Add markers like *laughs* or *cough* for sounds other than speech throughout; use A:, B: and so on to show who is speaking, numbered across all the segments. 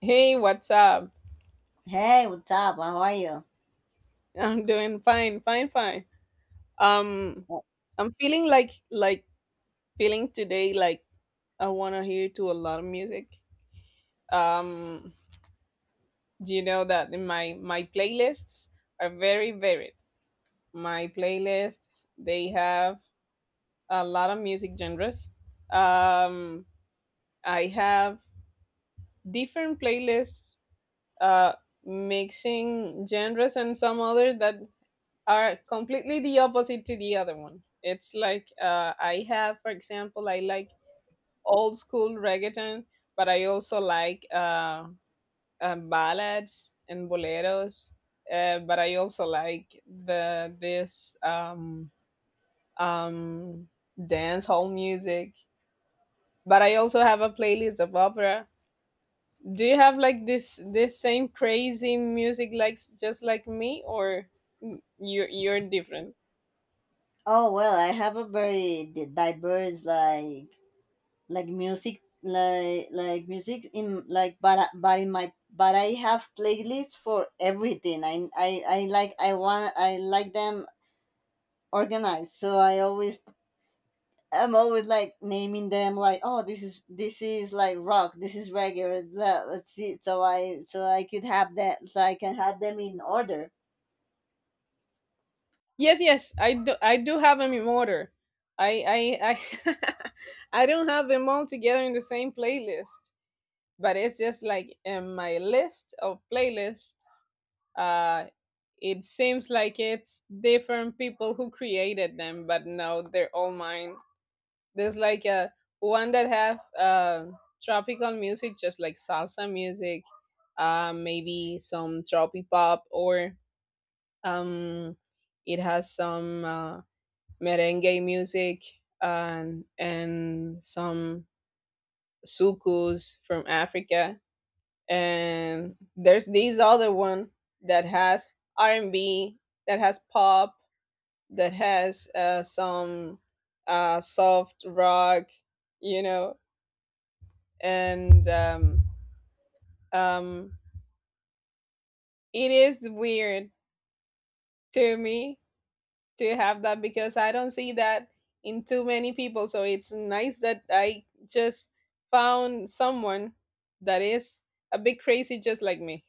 A: Hey, what's up?
B: Hey, what's up? How are you?
A: I'm doing fine, fine, fine. Um,
B: Oh,
A: I'm feeling like feeling today like I wanna hear to a lot of music. Um, do you know that in my playlists are very varied. My playlists they have a lot of music genres. Um, I have different playlists, uh, mixing genres and some other that are completely the opposite to the other one. It's like I have, for example, I like old school reggaeton, but I also like ballads and boleros. But I also like the this um, dance hall music. But I also have a playlist of opera. Do you have like this same crazy music likes just like me, or you you're different?
B: oh, well, I have a very diverse like music like music in like but but in my but I have playlists for everything. I like I want I like them organized. So I'm always like naming them like, oh, this is like rock, this is reggae, blah, blah, see. So I could have that so I can have them in order.
A: Yes, yes, I do. I do have them in order. I, I, I, *laughs* I don't have them all together in the same playlist, but it's just like in my list of playlists. Uh, it seems like it's different people who created them, but no, they're all mine. There's like a one that have tropical music, just like salsa music, maybe some tropic pop, or um, it has some. Merengue music and some sukus from Africa. And there's this other one that has R&B, that has pop, that has some soft rock, you know. And um, it is weird to me to have that because I don't see that in too many people. So it's nice that I just found someone that is a bit crazy just like me.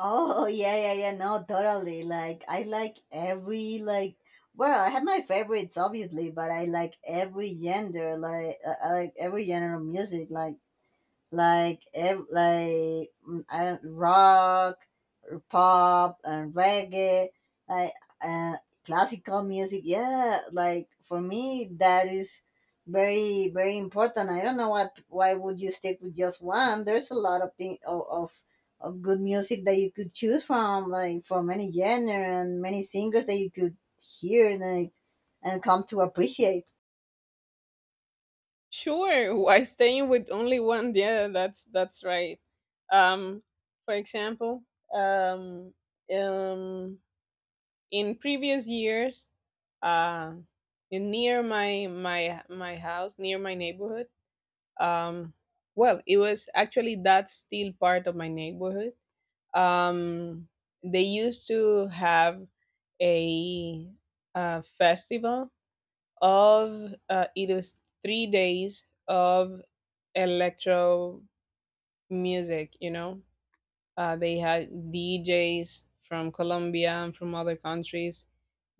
B: Oh *laughs* yeah, yeah, yeah. No, totally. Like I like every like. Well, I have my favorites obviously, but I like every gender, like, I like every genre of music. Like like I don't, rock, pop, and reggae, like, uh, classical music. Yeah, like for me that is very very important. I don't know what why would you stick with just one. There's a lot of thing of, of good music that you could choose from, like from any genre and many singers that you could hear and like, and come to appreciate.
A: Sure, *laughs* why staying with only one? Yeah, that's right. Um, for example, um, um, in previous years, uh, in near my house, near my neighborhood, um, well, it was actually that's still part of my neighborhood. um, they used to have a, festival of it was 3 days of electro music, you know. They had djs from colombia and from other countries.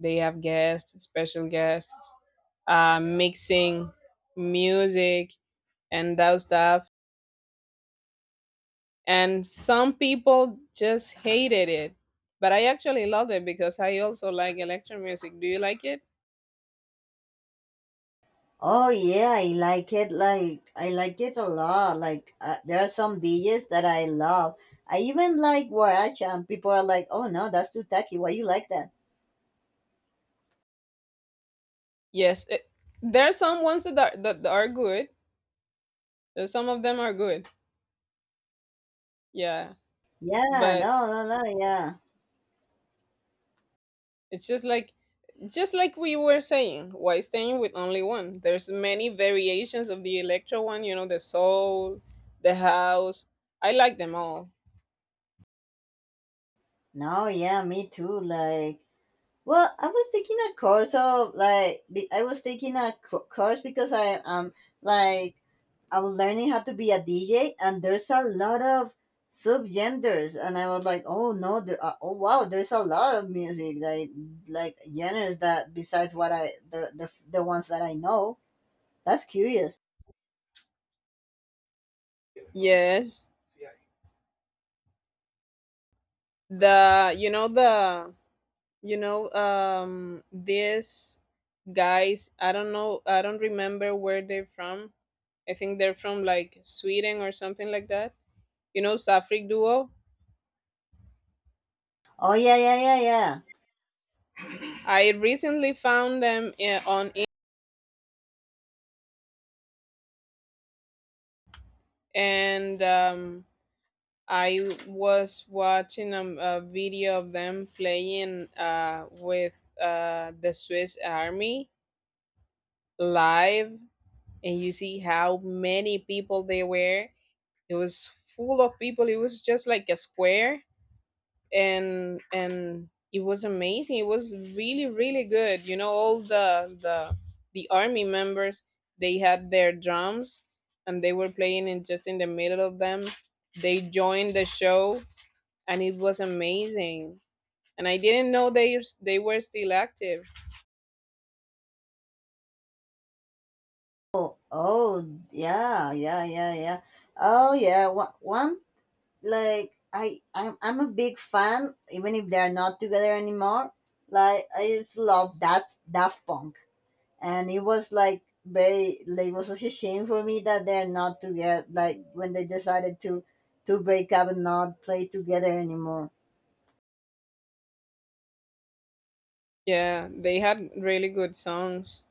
A: They have guests, special guests, mixing music and that stuff, and some people just hated it, but I actually love it because I also like electro music. Do you like it?
B: Oh yeah, I like it. Like I like it a lot. Like, there are some DJs that I love. I even like Waracha, and people are like, "Oh no, that's too tacky. Why you like that?"
A: Yes it, there are some ones that are good. There's some of them are good, yeah.
B: Yeah,
A: But
B: no, no, no, yeah,
A: it's just like we were saying, why staying with only one? There's many variations of the electro one, you know, the soul, the house. I like them all.
B: no, yeah, me too. Like, well, I was taking a course of like I was taking a course because I like I was learning how to be a DJ, and there's a lot of subgenders, and I was like, oh no, there, oh wow, there's a lot of music like genres that besides what I the ones that I know. That's curious.
A: Yes, the you know the these guys, I don't know, I don't remember where they're from. I think they're from like sweden or something like that, you know, safrik duo.
B: Oh yeah, yeah, yeah, yeah.
A: I recently found them I- on I- and I was watching a video of them playing with the swiss army live, and you see how many people they were. It was full of people, it was just like a square. And it was amazing, it was really really good, you know. All the the army members, they had their drums, and they were playing in just in the middle of them. They joined the show, and it was amazing. And I didn't know they were still active.
B: Oh, yeah, yeah, yeah, yeah. Oh yeah, one like I'm a big fan, even if they're not together anymore. Like I just love that Daft Punk. And it was like very like it was such a shame for me that they're not together like when they decided to break up and not play together anymore.
A: Yeah, they had really good songs,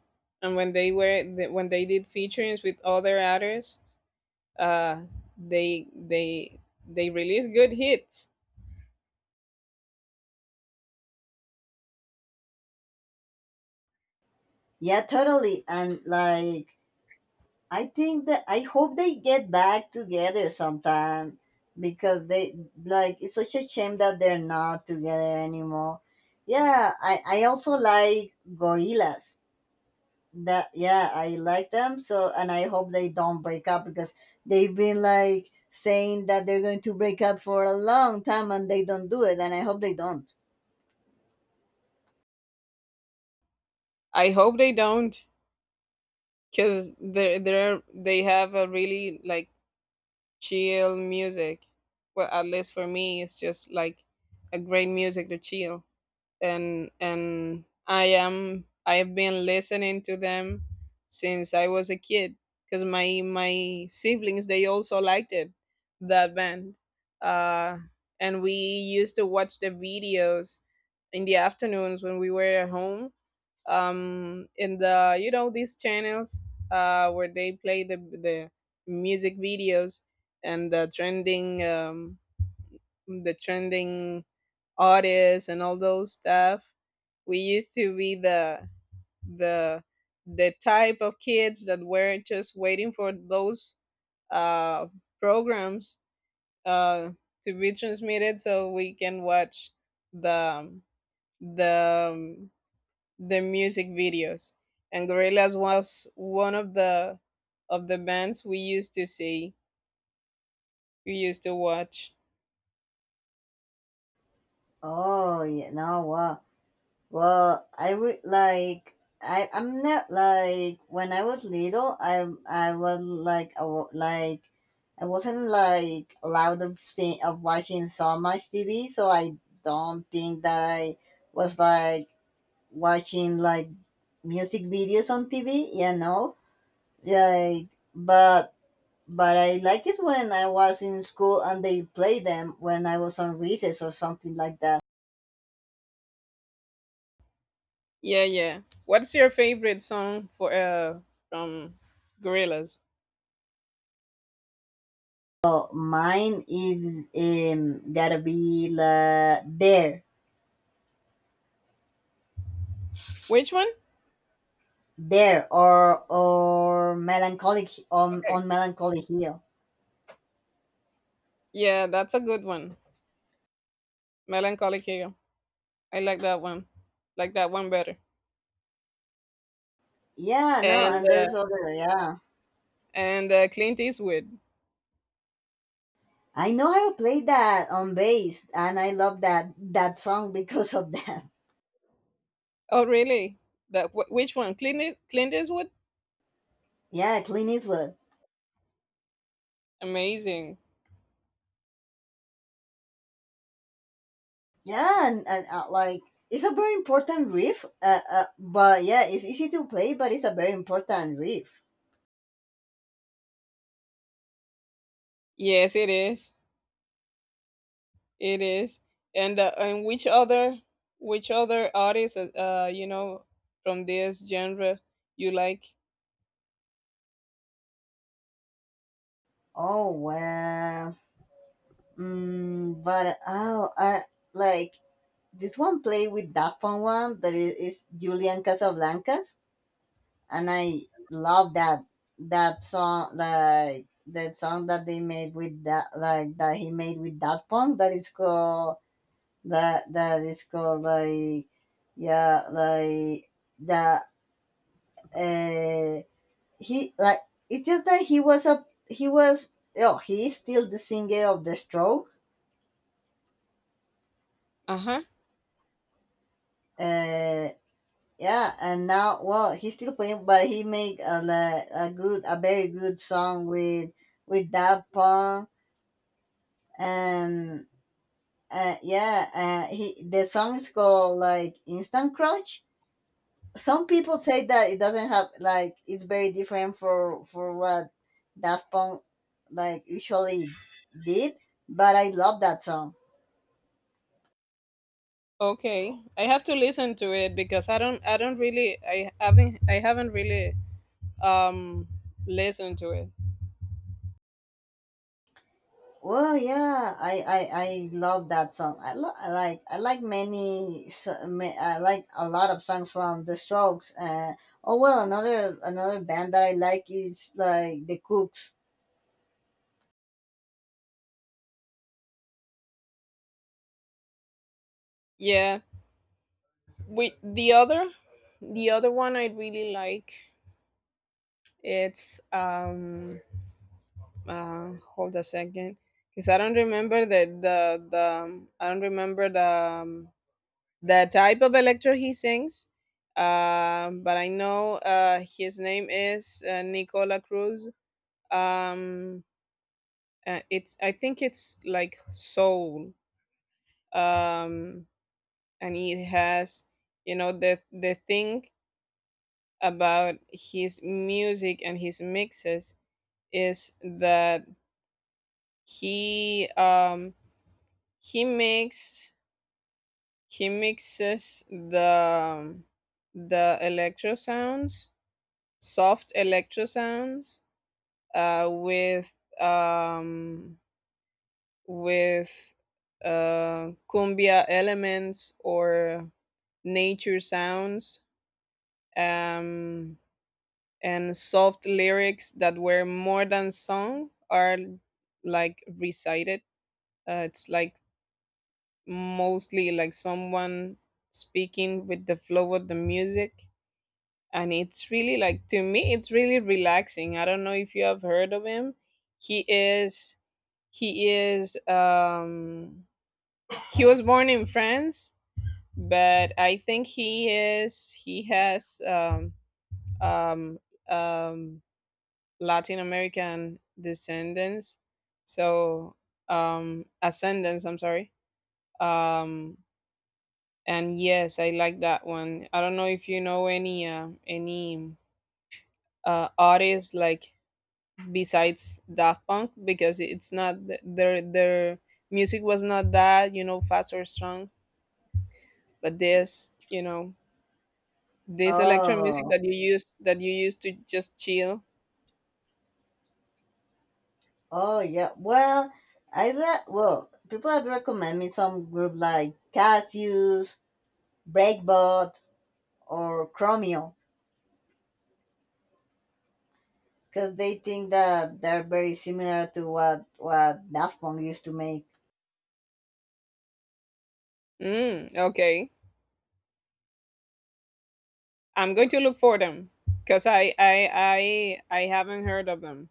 A: and when they were when they did featurings with other artists, uh they they they release good hits.
B: Yeah, totally. And like I think that I hope they get back together sometime because they like it's such a shame that they're not together anymore. Yeah, I also like Gorillas, that, yeah, I like them. So and I hope they don't break up because they've been like saying that they're going to break up for a long time and they don't do it and I hope they don't.
A: I hope they don't, because they're they have a really like chill music. Well, at least for me, it's just like a great music to chill. And I've been listening to them since I was a kid, because my siblings, they also liked it, that band, uh, and we used to watch the videos in the afternoons when we were at home. In the you know these channels where they play the music videos and the trending the trending artists and all those stuff. We used to be the the type of kids that were just waiting for those uh, programs uh, to be transmitted so we can watch the the um, the music videos. And Gorillaz was one of the bands we used to see, we used to watch.
B: Oh yeah, no, wow. Well, I like I'm not like when I was little I was like like I wasn't like allowed of seeing of watching so much tv so I don't think that I was like watching like music videos on TV. Yeah, but I like it when I was in school and they play them when I was on recess or something like that.
A: Yeah, yeah. What's your favorite song for from Gorillaz?
B: So mine is gotta be la there
A: Which one?
B: there or melancholic on
A: Okay.
B: on melancholy hill.
A: Yeah, that's a good one. Melancholic Hero. I like that one. Like that one better.
B: Yeah, no,
A: And
B: and
A: uh,
B: there's other, yeah.
A: and Clint Eastwood.
B: I know how to play that on bass, and I love that song because of *laughs* that.
A: Oh, really? That wh- which one? Clint Eas- Clint Eastwood.
B: Yeah, Clint Eastwood.
A: Amazing.
B: Yeah, and like it's a very important riff. But yeah, it's easy to play, but it's a very important riff.
A: Yes, it is. It is. And which other artists you know from this genre you like?
B: Oh well. But oh, I like this one play with Daft Punk one that is Julian Casablancas, and I love that song like that song that they made with that like that he made with Daft Punk that is called that that is called like, yeah, like the, uh, he like it's just that he was a he was. Oh he is still the singer of the stroke.
A: Uh huh.
B: uh yeah, and now well he's still playing but he make a, a good a very good song with that punk. And, yeah. He, the song is called like instant crunch. Some people say that it doesn't have, like, it's very different for what Daft Punk like usually did, but I love that song.
A: Okay. I have to listen to it because I don't really I haven't really um listen to it.
B: Well, yeah, I love that song. I, I like many I like a lot of songs from The Strokes. Oh well, another band that I like is like The Cooks.
A: Yeah, we the other one I really like, it's hold a second, because I don't remember the the I don't remember the type of electro he sings. But I know his name is nicola cruz. um it's, I think it's like soul. um and it has, you know, the thing about his music and his mixes is that he um he makes he mixes um, the electro sounds, soft electro sounds, uh with um with cumbia elements or nature sounds, um and soft lyrics that were more than sung are like recited. It's like mostly like someone speaking with the flow of the music. And it's really like, to me, it's really relaxing. I don't know if you have heard of him. He is, he is, he was born in France, but I think he is, he has, um, um, Latin American descendants, so ascendants. I'm sorry. Um, and yes, I like that one. I don't know if you know any artists like besides Daft Punk, because it's not th- their music was not that, you know, fast or strong, but this, you know, this electro music
B: Oh,
A: that you use to just chill.
B: oh yeah. Well, I that, well, people have recommend me some group like Cassius, Breakbot, or Chromio because they think that they're very similar to what Daft Punk used to make.
A: Mm, okay. I'm going to look for them because I haven't heard of them.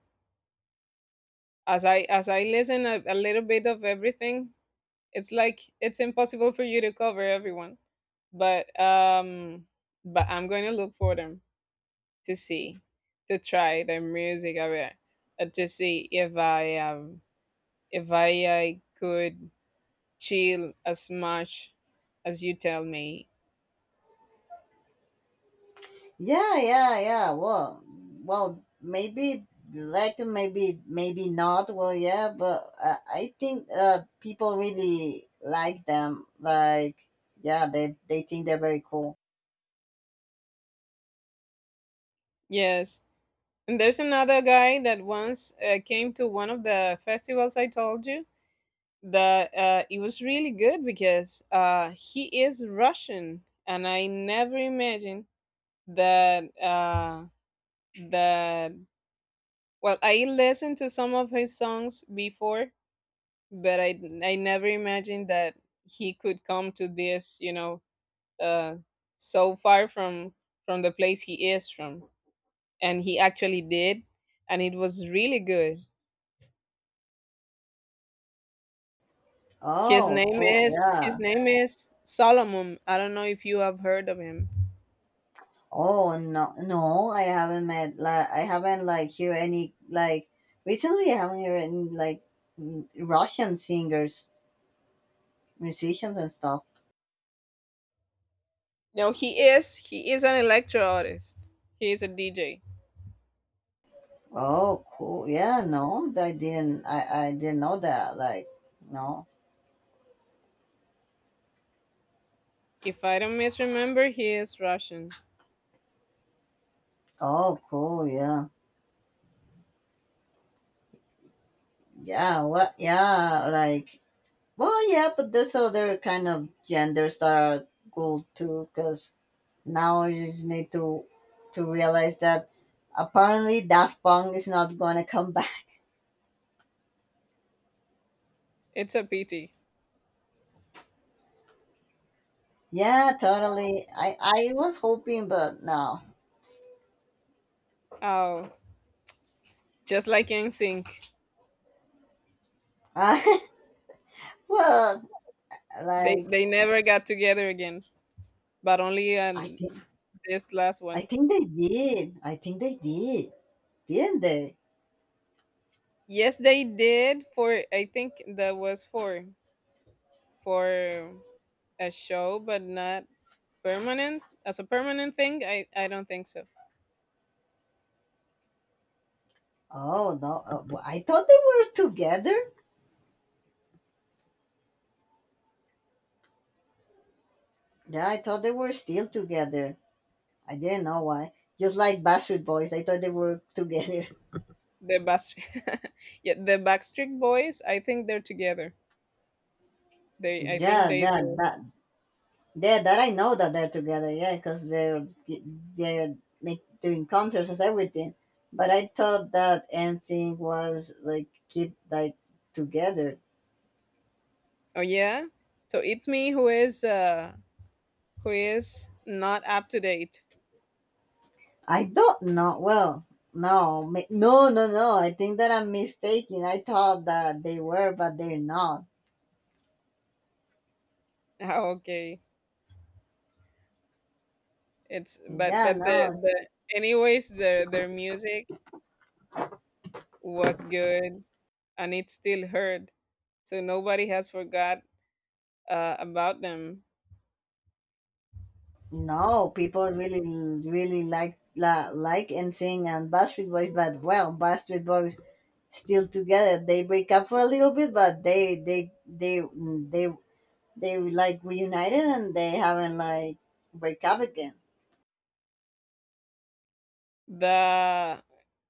A: As I listen a little bit of everything, it's like it's impossible for you to cover everyone. But um, but I'm going to look for them to see, to try their music a bit, to see if I I could chill as much as you tell me.
B: Yeah, yeah, yeah. Well, well, maybe, like, maybe not. Well, yeah, but, I think, people really like them. Like, yeah, they think they're very cool.
A: Yes. And there's another guy that once came to one of the festivals I told you that it was really good because he is Russian, and I never imagined that that. Well, I listened to some of his songs before, but I never imagined that he could come to this. You know, uh, so far from the place he is from, and he actually did, and it was really good. His
B: Oh,
A: name
B: cool.
A: is
B: Yeah,
A: his name is Solomon. I don't know if you have heard of him.
B: oh no, no, I haven't met. Like, I haven't like hear any like recently. I haven't heard any like, Russian singers, musicians, and stuff.
A: No, he is. He is an electro artist. He is a DJ.
B: Oh, cool. Yeah, no, I didn't. I didn't know that. Like, no.
A: If I don't misremember, he is Russian.
B: Oh, cool. Yeah, yeah. What? Yeah, like. Well, yeah, but there's other kind of genders that are cool too. Because now you just need to realize that apparently Daft Punk is not gonna come back.
A: It's a pity.
B: Yeah, totally. I was hoping, but no.
A: Oh, just like NSYNC,
B: Uh, *laughs* well, like
A: they never got together again. But only
B: I think
A: This last
B: I
A: one.
B: think they did. I think they did, didn't they?
A: Yes, they did for. I think that was for a show, but not permanent as a permanent thing. I don't think so.
B: Oh no! Well, I thought they were together. Yeah, I thought they were still together. I didn't know why. Just like Bastard Boys, I thought they were together.
A: The Backstreet, *laughs* yeah, the Backstreet Boys. I think they're together.
B: *laughs*
A: They I think
B: Yeah,
A: they
B: that
A: do.
B: that Yeah, that I know that they're together. Yeah, because they're make, doing concerts and everything. But I thought that NSYNC was like keep like together.
A: Oh yeah? So it's me who is not up to date. *laughs*
B: I don't know. Well, no, no, no, no. I think that I'm mistaken. I thought that they were, but they're not.
A: Oh, okay. It's
B: Yeah,
A: but the
B: no,
A: the anyways their music was good and it's still heard. So nobody has forgot about them.
B: no. People really, really like la, like NSYNC and Backstreet Boys, but, well, Backstreet Boys still together. They break up for a little bit, but they they like reunited and they haven't like break up again.
A: The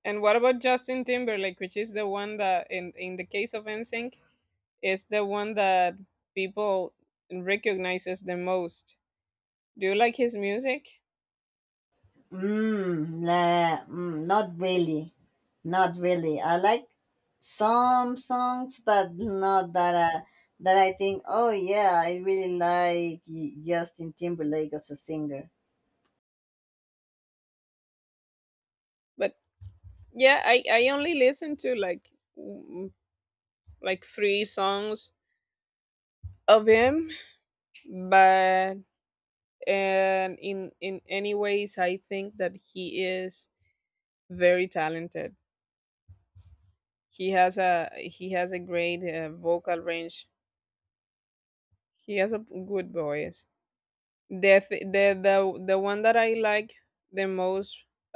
A: And what about Justin Timberlake, which is the one that in the case of NSYNC is the one that people recognizes the most. Do you like his music?
B: Mm, la, not really, not really. I like some songs, but not that I think. Oh yeah, I really like Justin Timberlake as a singer.
A: But yeah, i only listen to like mm, like three songs of him, but, and in any ways I think that he is very talented. He has a he has a great vocal range, he has a good voice. The th- the one that I like the most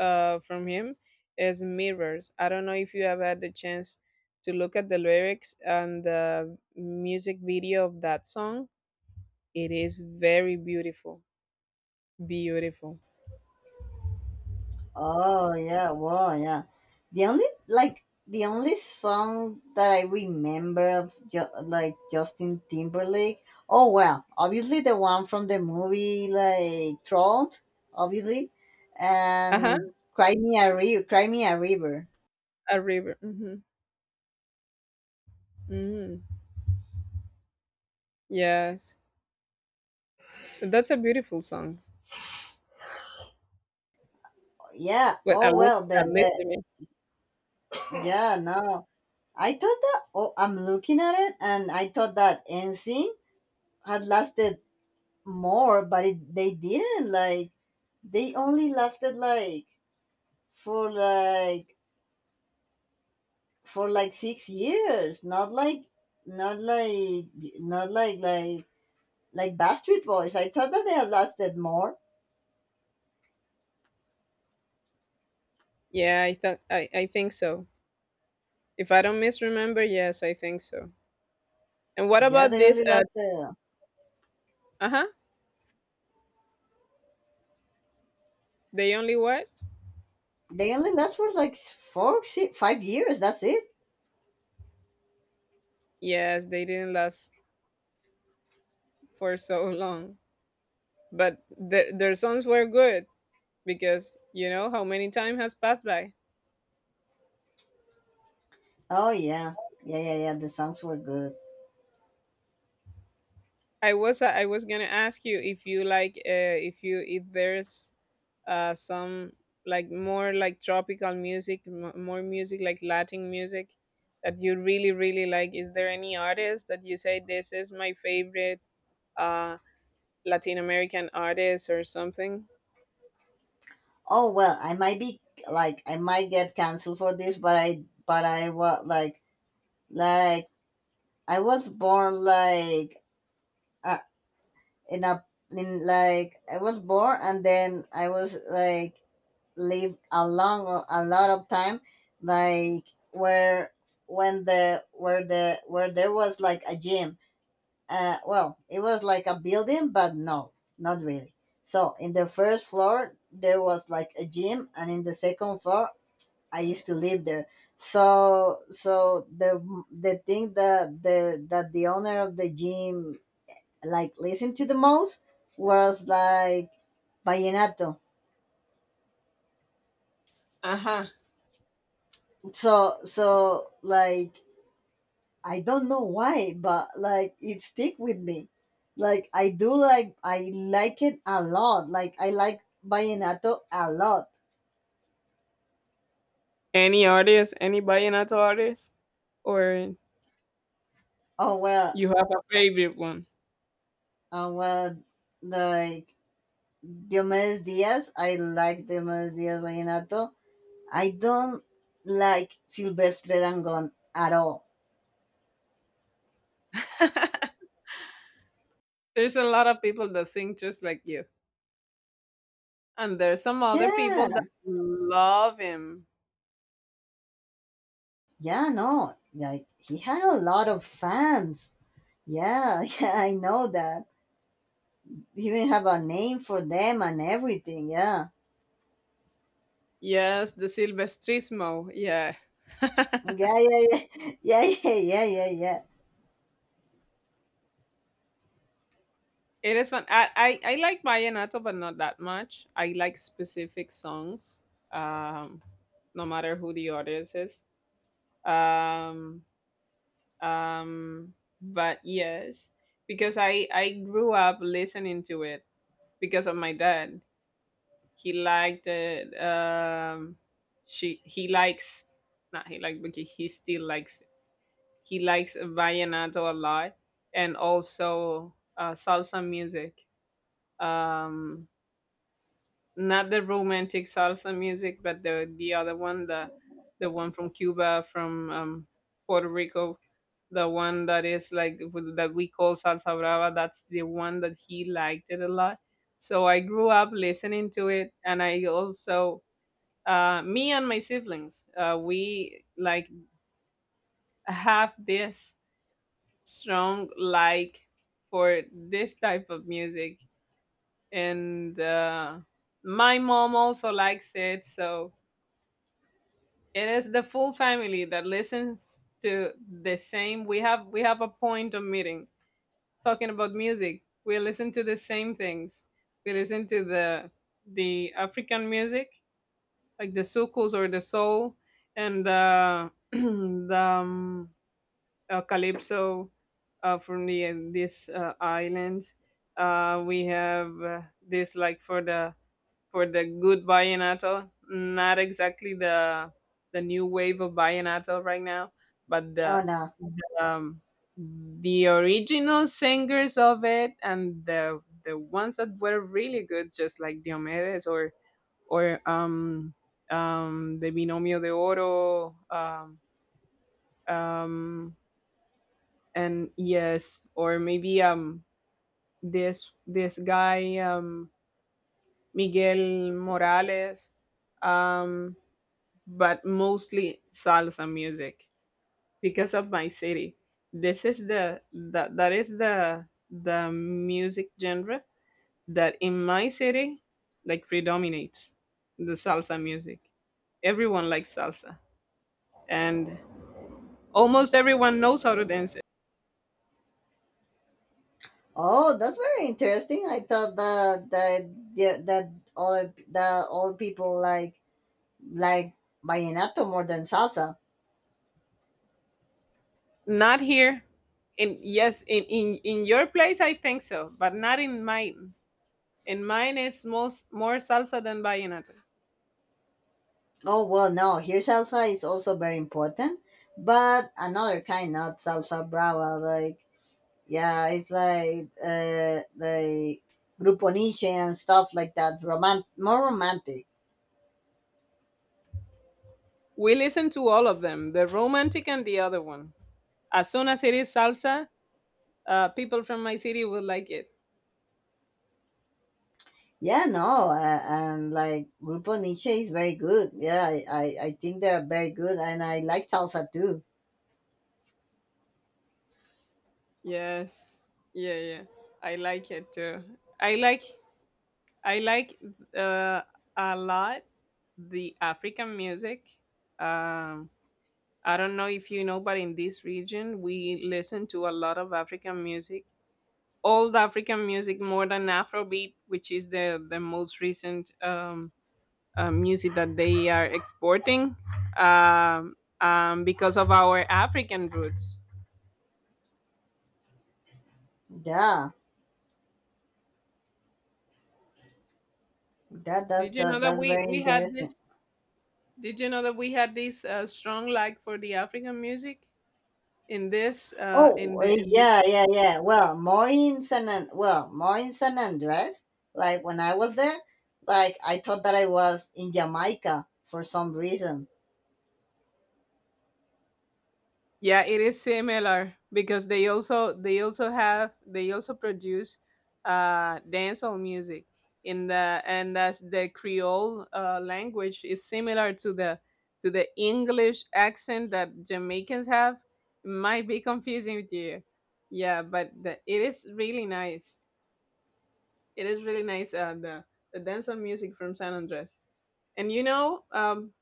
A: from him is Mirrors. I don't know if you have had the chance to look at the lyrics and the music video of that song. It is very beautiful, beautiful.
B: Oh yeah, well, yeah. The only, like, the only song that I remember of like Justin Timberlake. Oh well, obviously the one from the movie like Trolled, obviously,
A: Uh huh.
B: and Cry Me a River. Cry Me a River.
A: A river. Hmm. Hmm. Yes, that's a beautiful song.
B: Yeah.
A: Well,
B: Oh well,
A: at least
B: the
A: to me.
B: yeah, no. I thought that. Oh, I'm looking at it, and I thought that NSYNC had lasted more, but it, they didn't. Like they only lasted like for like for like 6 years, not like, not like, not like like like Bastard Boys. I thought that they had lasted more.
A: Yeah, I think so. If I don't misremember, yes, I think so. And what
B: Yeah,
A: about
B: they
A: this?
B: only last,
A: Uh huh. They only what?
B: they only last for like 4 6, 5 years, that's it.
A: Yes, they didn't last for so long, but their songs were good, because you know how many time has passed by.
B: Oh yeah, yeah, yeah, yeah, the songs were good.
A: I was gonna ask you if you like if you if there's some, like, more like tropical music, more music, like Latin music that you really like. Is there any artist that you say this is my favorite, uh, Latin American artist or something?
B: Oh well, I might be like I might get canceled for this, but, I but I was like I was born like. I, in a, in like, I was born and then I was like lived a long, a lot of time, like, where, when the, where the, where there was like a gym, well, it was like a building but no, not really. So in the first floor there was like a gym and in the second floor I used to live there. So so the, thing that the owner of the gym like listen to the most was like vallenato.
A: Aha.
B: So like I don't know why, but like it stick with me. Like I do like, I like it a lot. Like I like vallenato a lot.
A: Any artist, any vallenato artist, or
B: Oh well,
A: you have a favorite one?
B: oh well. Like Diomedes Diaz, I like Diomedes Diaz vallenato. I don't like Silvestre Dangon at all.
A: *laughs* There's a lot of people that think just like you, and there's some other people that
B: Yeah,
A: love him.
B: yeah, no, like he had a lot of fans. Yeah, *laughs* yeah, I know that. He even have a name for them and everything. Yeah,
A: Yes, the Silvestrismo. Yeah. *laughs*
B: yeah, yeah, yeah, *laughs* yeah, yeah, yeah, yeah, yeah.
A: It is fun. I like vallenato, but not that much. I like specific songs, um, no matter who the artist is. Um, um but yes, because I grew up listening to it because of my dad. He liked it, she he likes, not he liked, but he still likes it. He likes vallenato a lot, and also salsa music. um Not the romantic salsa music, but the other one, the one from Cuba, from Puerto Rico, the one that is like that we call salsa brava. That's the one that he liked it a lot. So I grew up listening to it, and I also, me and my siblings, we like have this strong like for this type of music, and my mom also likes it, so it is the full family that listens to the same. We have a point of meeting talking about music. We listen to the same things. We listen to the African music, like the soukous or the soul, and the *clears throat* the calypso from the this island. We have, this like for the good vallenato. Not exactly the new wave of vallenato right now, but
B: Oh
A: the
B: no.
A: the, um, the original singers of it, and the ones that were really good, just like Diomedes, or or um the Binomio de Oro, um and yes, or maybe, this this guy, Miguel Morales, um but mostly salsa music, because of my city. This is the that is the music genre that in my city like predominates the salsa music. Everyone likes salsa, and almost everyone knows how to dance it.
B: Oh, that's very interesting. I thought that yeah, that all people like vallenato more than salsa.
A: Not here. In Yes, in your place I think so, but not in mine. In mine it's most more salsa than vallenato.
B: Oh well, no. Here, salsa is also very important, but another kind, not salsa brava, like. Yeah, it's like, the Grupo Nietzsche and stuff like that. More romantic.
A: We listen to all of them, the romantic and the other one. As soon as it is salsa, people from my city will like it.
B: Yeah, no, and like Grupo Nietzsche is very good. Yeah, I think they're very good, and I like salsa too.
A: Yes. Yeah, yeah. I like it too. I like I like uh, a lot the African music. Um, I don't know if you know, but in this region, we listen to a lot of African music. Old African music, more than Afrobeat, which is the most recent music that they are exporting, um, because of our African roots.
B: Yeah, that
A: Did
B: that's
A: you know that
B: that's very
A: we had this?
B: interesting.
A: Did you know that we had this strong like for the African music in this in
B: Oh,
A: the
B: eh,
A: in this.
B: yeah, yeah, yeah. Well, more in well, more in San Andres. Like when I was there, like I thought that I was in Jamaica for some reason.
A: Yeah, it is similar, because they also have they also produce dancehall music in the, and as the Creole language is similar to the English accent that Jamaicans have. It might be confusing with you. Yeah, but the, it is really nice. It is really nice, the dancehall music from San Andres. And you know,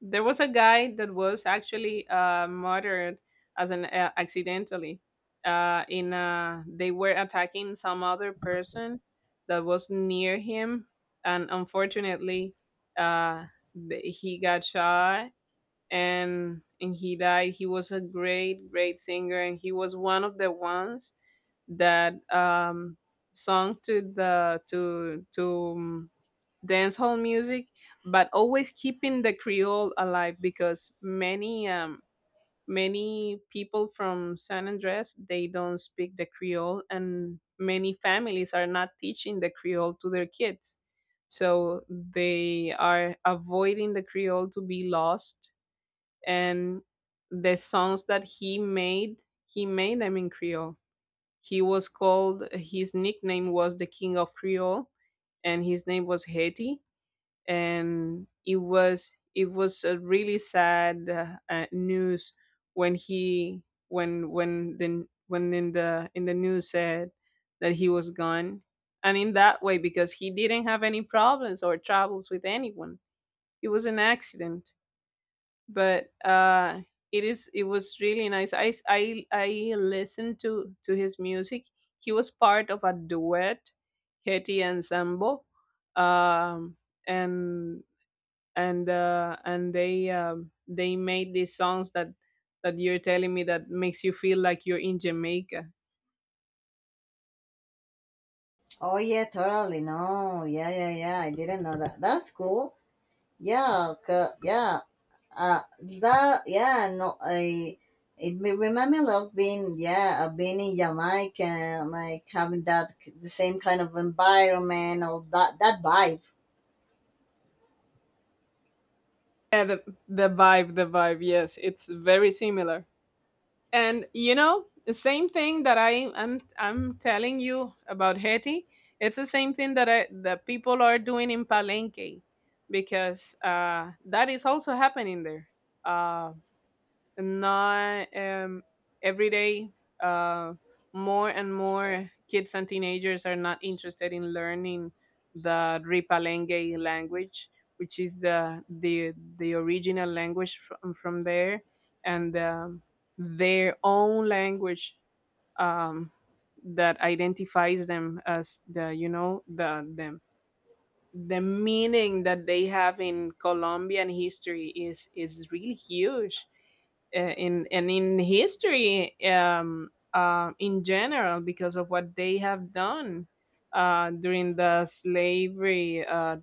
A: there was a guy that was actually murdered as an, accidentally. In, they were attacking some other person that was near him, and unfortunately, uh, he got shot, and he died. He was a great singer, and he was one of the ones that, sung to the to dancehall music, but always keeping the Creole alive, because many, many people from San Andres, they don't speak the Creole, and many families are not teaching the Creole to their kids. So they are avoiding the Creole to be lost, and the songs that he made them in Creole. He was called, his nickname was the King of Creole, and his name was Haiti, and it was a really sad, news when he when the when in the news said that he was gone, and in that way, because he didn't have any problems or troubles with anyone, it was an accident, but it is, it was really nice. I I listened to his music. He was part of a duet, Hetty and Sambo, um and and they, they made these songs, that that you're telling me that makes you feel like you're in Jamaica.
B: Oh yeah, totally. No, yeah, yeah, yeah. I didn't know that. That's cool. Yeah, yeah. That, yeah, no. I it remind me of being, yeah, of being in Jamaica and like having that the same kind of environment or that vibe.
A: Yeah, the vibe, the vibe. Yes, it's very similar. And you know, the same thing that I'm telling you about Haiti. It's the same thing that I that people are doing in Palenque, because that is also happening there. Uh, Not, every day, uh, more and more kids and teenagers are not interested in learning the Ripalenge language, which is the the original language from there, and, their own language, um, that identifies them as the, you know, the meaning that they have in Colombian history is really huge, in and in history, in general, because of what they have done during the slavery uh,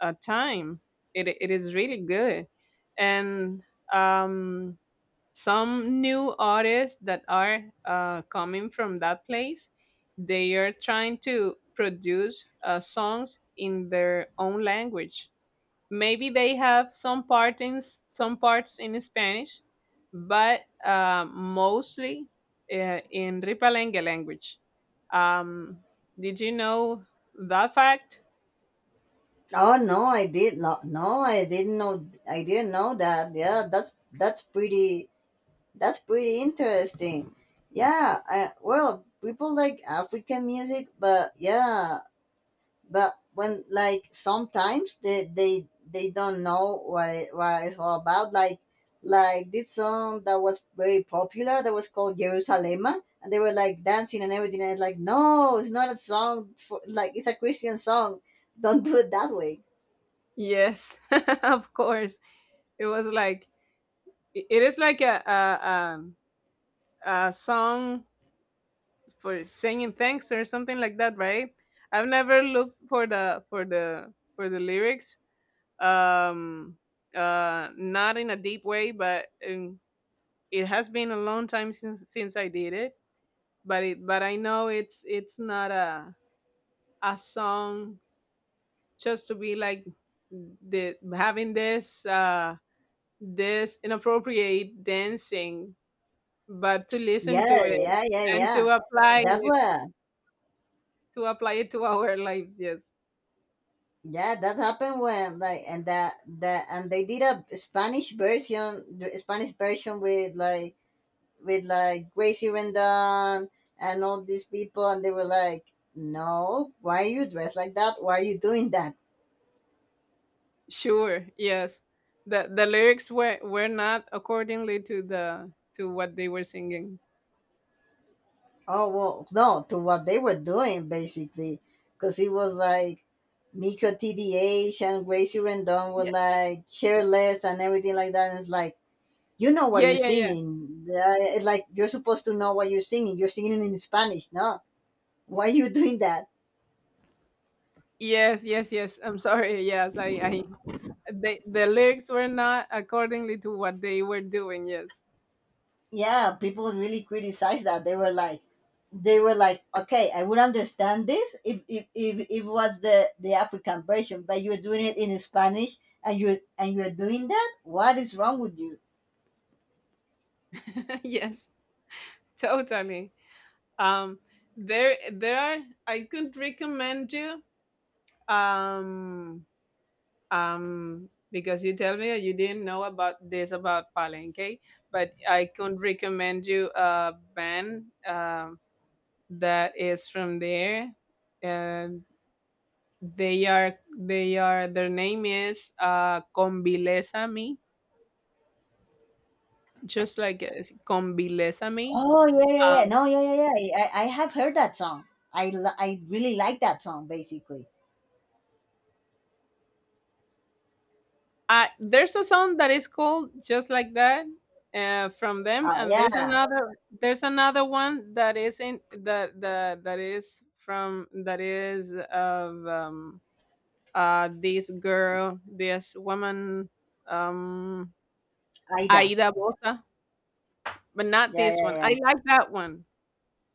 A: uh, time. It is really good, and, um, some new artists that are coming from that place, they are trying to produce songs in their own language. Maybe they have some part in some parts in Spanish, but mostly, in Ripalengue language. um, did you know that fact?
B: Oh no, I did not. No, I didn't know. I didn't know that. Yeah, that's pretty. That's pretty interesting. Yeah. I, well, people like African music, but yeah, but when like sometimes they don't know what it, what it's all about, like this song that was very popular that was called Jerusalem, and they were like dancing and everything and it's like, no, it's not a song for like, it's a Christian song. Don't do it that way.
A: Yes, *laughs* of course. It was like, it is like a song for saying thanks or something like that, right? I've never looked for the for the lyrics. Um Not in a deep way, but, it has been a long time since I did it. But I know it's not a a song just to be like the having this inappropriate dancing, but to listen to
B: Yeah,
A: it,
B: yeah, yeah,
A: and
B: yeah,
A: to apply
B: that's what.
A: it to our *laughs* lives, yes.
B: Yeah, that happened when like, and that that and they did a Spanish version, the Spanish version with like, with like Gracie Rendon, and all these people, and they were like, "No, why are you dressed like that? Why are you doing that?"
A: Sure, yes. The lyrics were not accordingly to the to what they were singing.
B: Oh well, no, to what they were doing basically, because it was like Miko TDH and Gracie Rendon were
A: Yeah.
B: like careless and everything like that. And it's like you know what
A: Yeah,
B: you're
A: yeah, yeah.
B: singing. It's like you're supposed to know what you're singing. You're singing in Spanish, no? Why are you doing that?
A: Yes, yes, yes. I'm sorry. Yes, I they, the lyrics were not accordingly to what they were doing. Yes.
B: Yeah, people really criticized that. They were like, they were like, okay, I would understand this if if it was the African version but you're doing it in Spanish and you're doing that, what is wrong with you?
A: *laughs* Yes, totally. Um there there are, I could recommend you, um because you tell me you didn't know about this, about Palenque, but I can recommend you a band, that is from there. And they are, their name is, Convilésame, just like, Convilésame.
B: Oh yeah, yeah,
A: Um,
B: yeah, no, yeah, yeah, yeah, I have heard that song. I really like that song basically.
A: There's a song that is called just like that, from them,
B: Oh
A: and there's
B: yeah,
A: another, there's another one that is in that is from that is of, this girl, this woman, um,
B: Aida.
A: Aida Bosa, but not
B: Yeah,
A: this
B: yeah,
A: one.
B: yeah,
A: I like that one.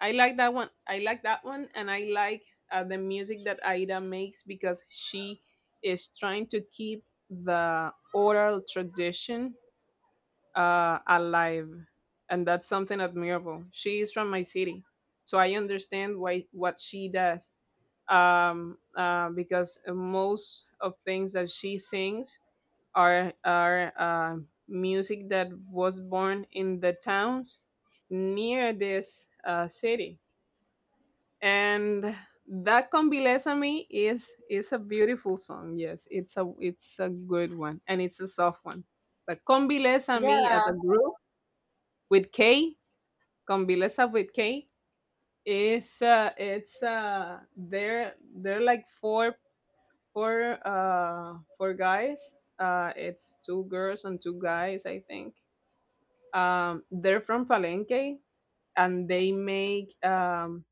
A: I like that one. I like that one, and I like, the music that Aida makes, because she is trying to keep the oral tradition alive, and that's something admirable. She is from my city, so I understand why, what she does. Because most of things that she sings are, music that was born in the towns near this city, and that Con Bilésame is a beautiful song. Yes, it's a good one, and it's a soft one. But Con Bilésame as
B: yeah.
A: a group, with K, Con Vileza with K. It's they're like four, four guys. It's two girls and two guys, I think. They're from Palenque, and they make,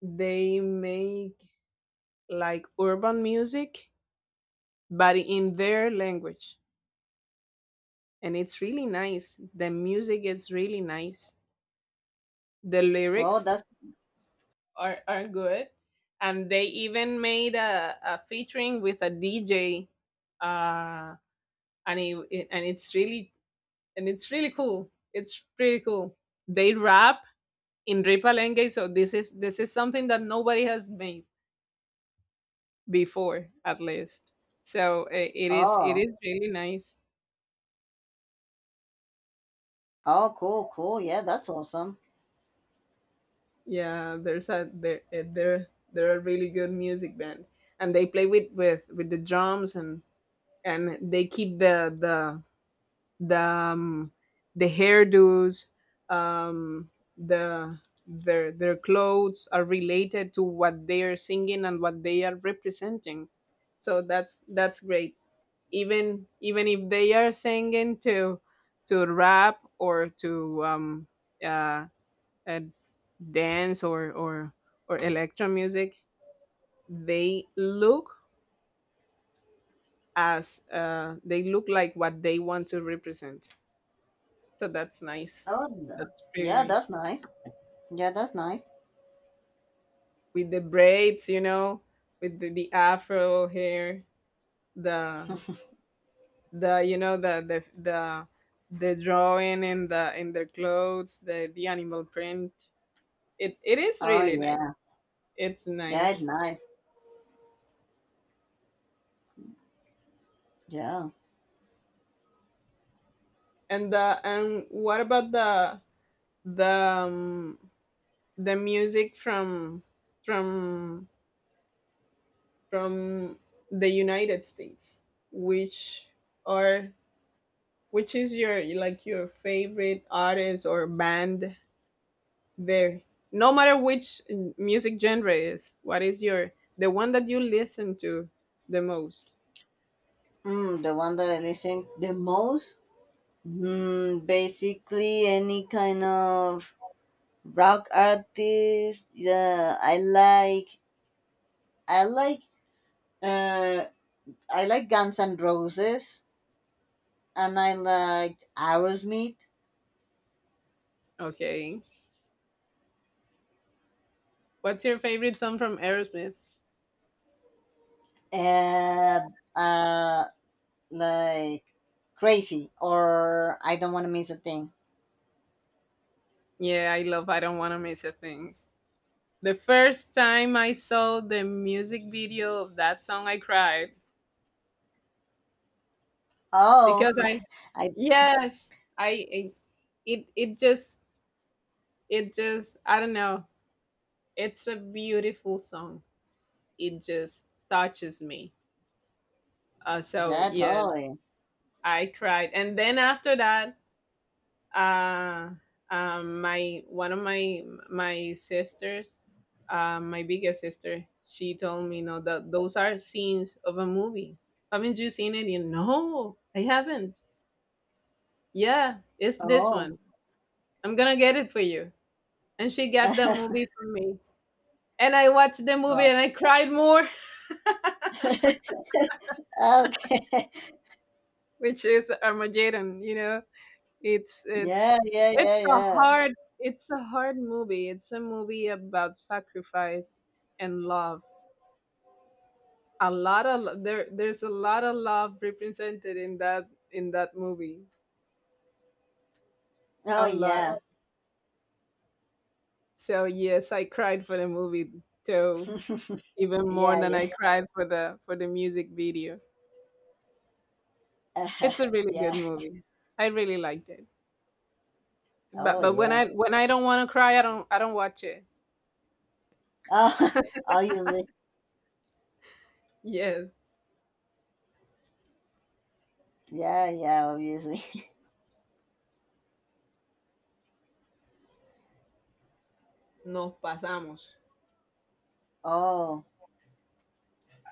A: they make like urban music, but in their language, and it's really nice. The music is really nice. The
B: Oh
A: lyrics
B: that's.
A: are good. And they even made a featuring with a DJ, uh, and and it's really, and it's really cool. It's pretty cool. They rap in Ripalenge, so this is, this is something that nobody has made before, at least. So it is, it
B: Oh,
A: is really nice.
B: oh cool, cool, yeah, that's awesome.
A: Yeah, there's a there, there they're a really good music band, and they play with with the drums, and they keep the, the hairdos, um, the their clothes are related to what they are singing, and what they are representing. So that's great. Even, even if they are singing to rap, or to, uh, uh, dance, or electro music, they look as, they look like what they want to represent. So that's nice.
B: Oh no.
A: That's pretty
B: Yeah, that's
A: nice.
B: nice. Yeah, that's nice.
A: With the braids, you know, with the afro hair, the the you know, the drawing in the in their clothes, the animal print. It is
B: Oh
A: really nice.
B: yeah.
A: It's
B: Yeah, it's
A: nice.
B: nice. Yeah.
A: And the, and what about the, the music from from from the United States, which are, which is your, like, your favorite artist or band there? No matter which, music genre is, what is your the one that you listen to the most?
B: Mm, the one that I listen the most? Mm, basically any kind of rock artist. Yeah, I like. I like. Uh, I like Guns N' Roses, and I liked Aerosmith,
A: Okay. What's your favorite song from Aerosmith?
B: and, like Crazy or I Don't Want to Miss a Thing.
A: Yeah, I love I Don't Wanna Miss a Thing. The first time I saw the music video of that song I cried,
B: Oh,
A: because I
B: *laughs* I,
A: yes, it it just, I don't know. It's a beautiful song. It just touches me. So
B: yeah,
A: yes,
B: totally.
A: I cried, and then after that, uh, my one of my my sisters, my biggest sister, she told me, "No, that those are scenes of a movie. Haven't you seen it?" You, no, I haven't. Yeah, it's this
B: Oh.
A: one. I'm gonna get it for you. And she got the
B: *laughs*
A: movie for me, and I watched the movie
B: oh.
A: and I cried more,
B: *laughs* Okay. *laughs*
A: *laughs* which is Armageddon, you know. It's
B: Yeah,
A: it's
B: yeah, yeah,
A: it's a
B: yeah.
A: hard, it's a hard movie. It's a movie about sacrifice and love. A lot of there there's a lot of love represented in that movie.
B: Oh,
A: A lot.
B: yeah.
A: So yes, I cried for the movie too,
B: *laughs*
A: even more
B: Yeah,
A: than
B: yeah.
A: I cried for the music video.
B: Uh,
A: It's a really good
B: *laughs* yeah.
A: movie. I really liked it.
B: Oh,
A: But when
B: yeah.
A: I, when I don't want to cry, I don't watch it.
B: Oh, *laughs* obviously.
A: Yes.
B: Yeah, yeah, obviously.
A: Nos pasamos.
B: *laughs* Oh.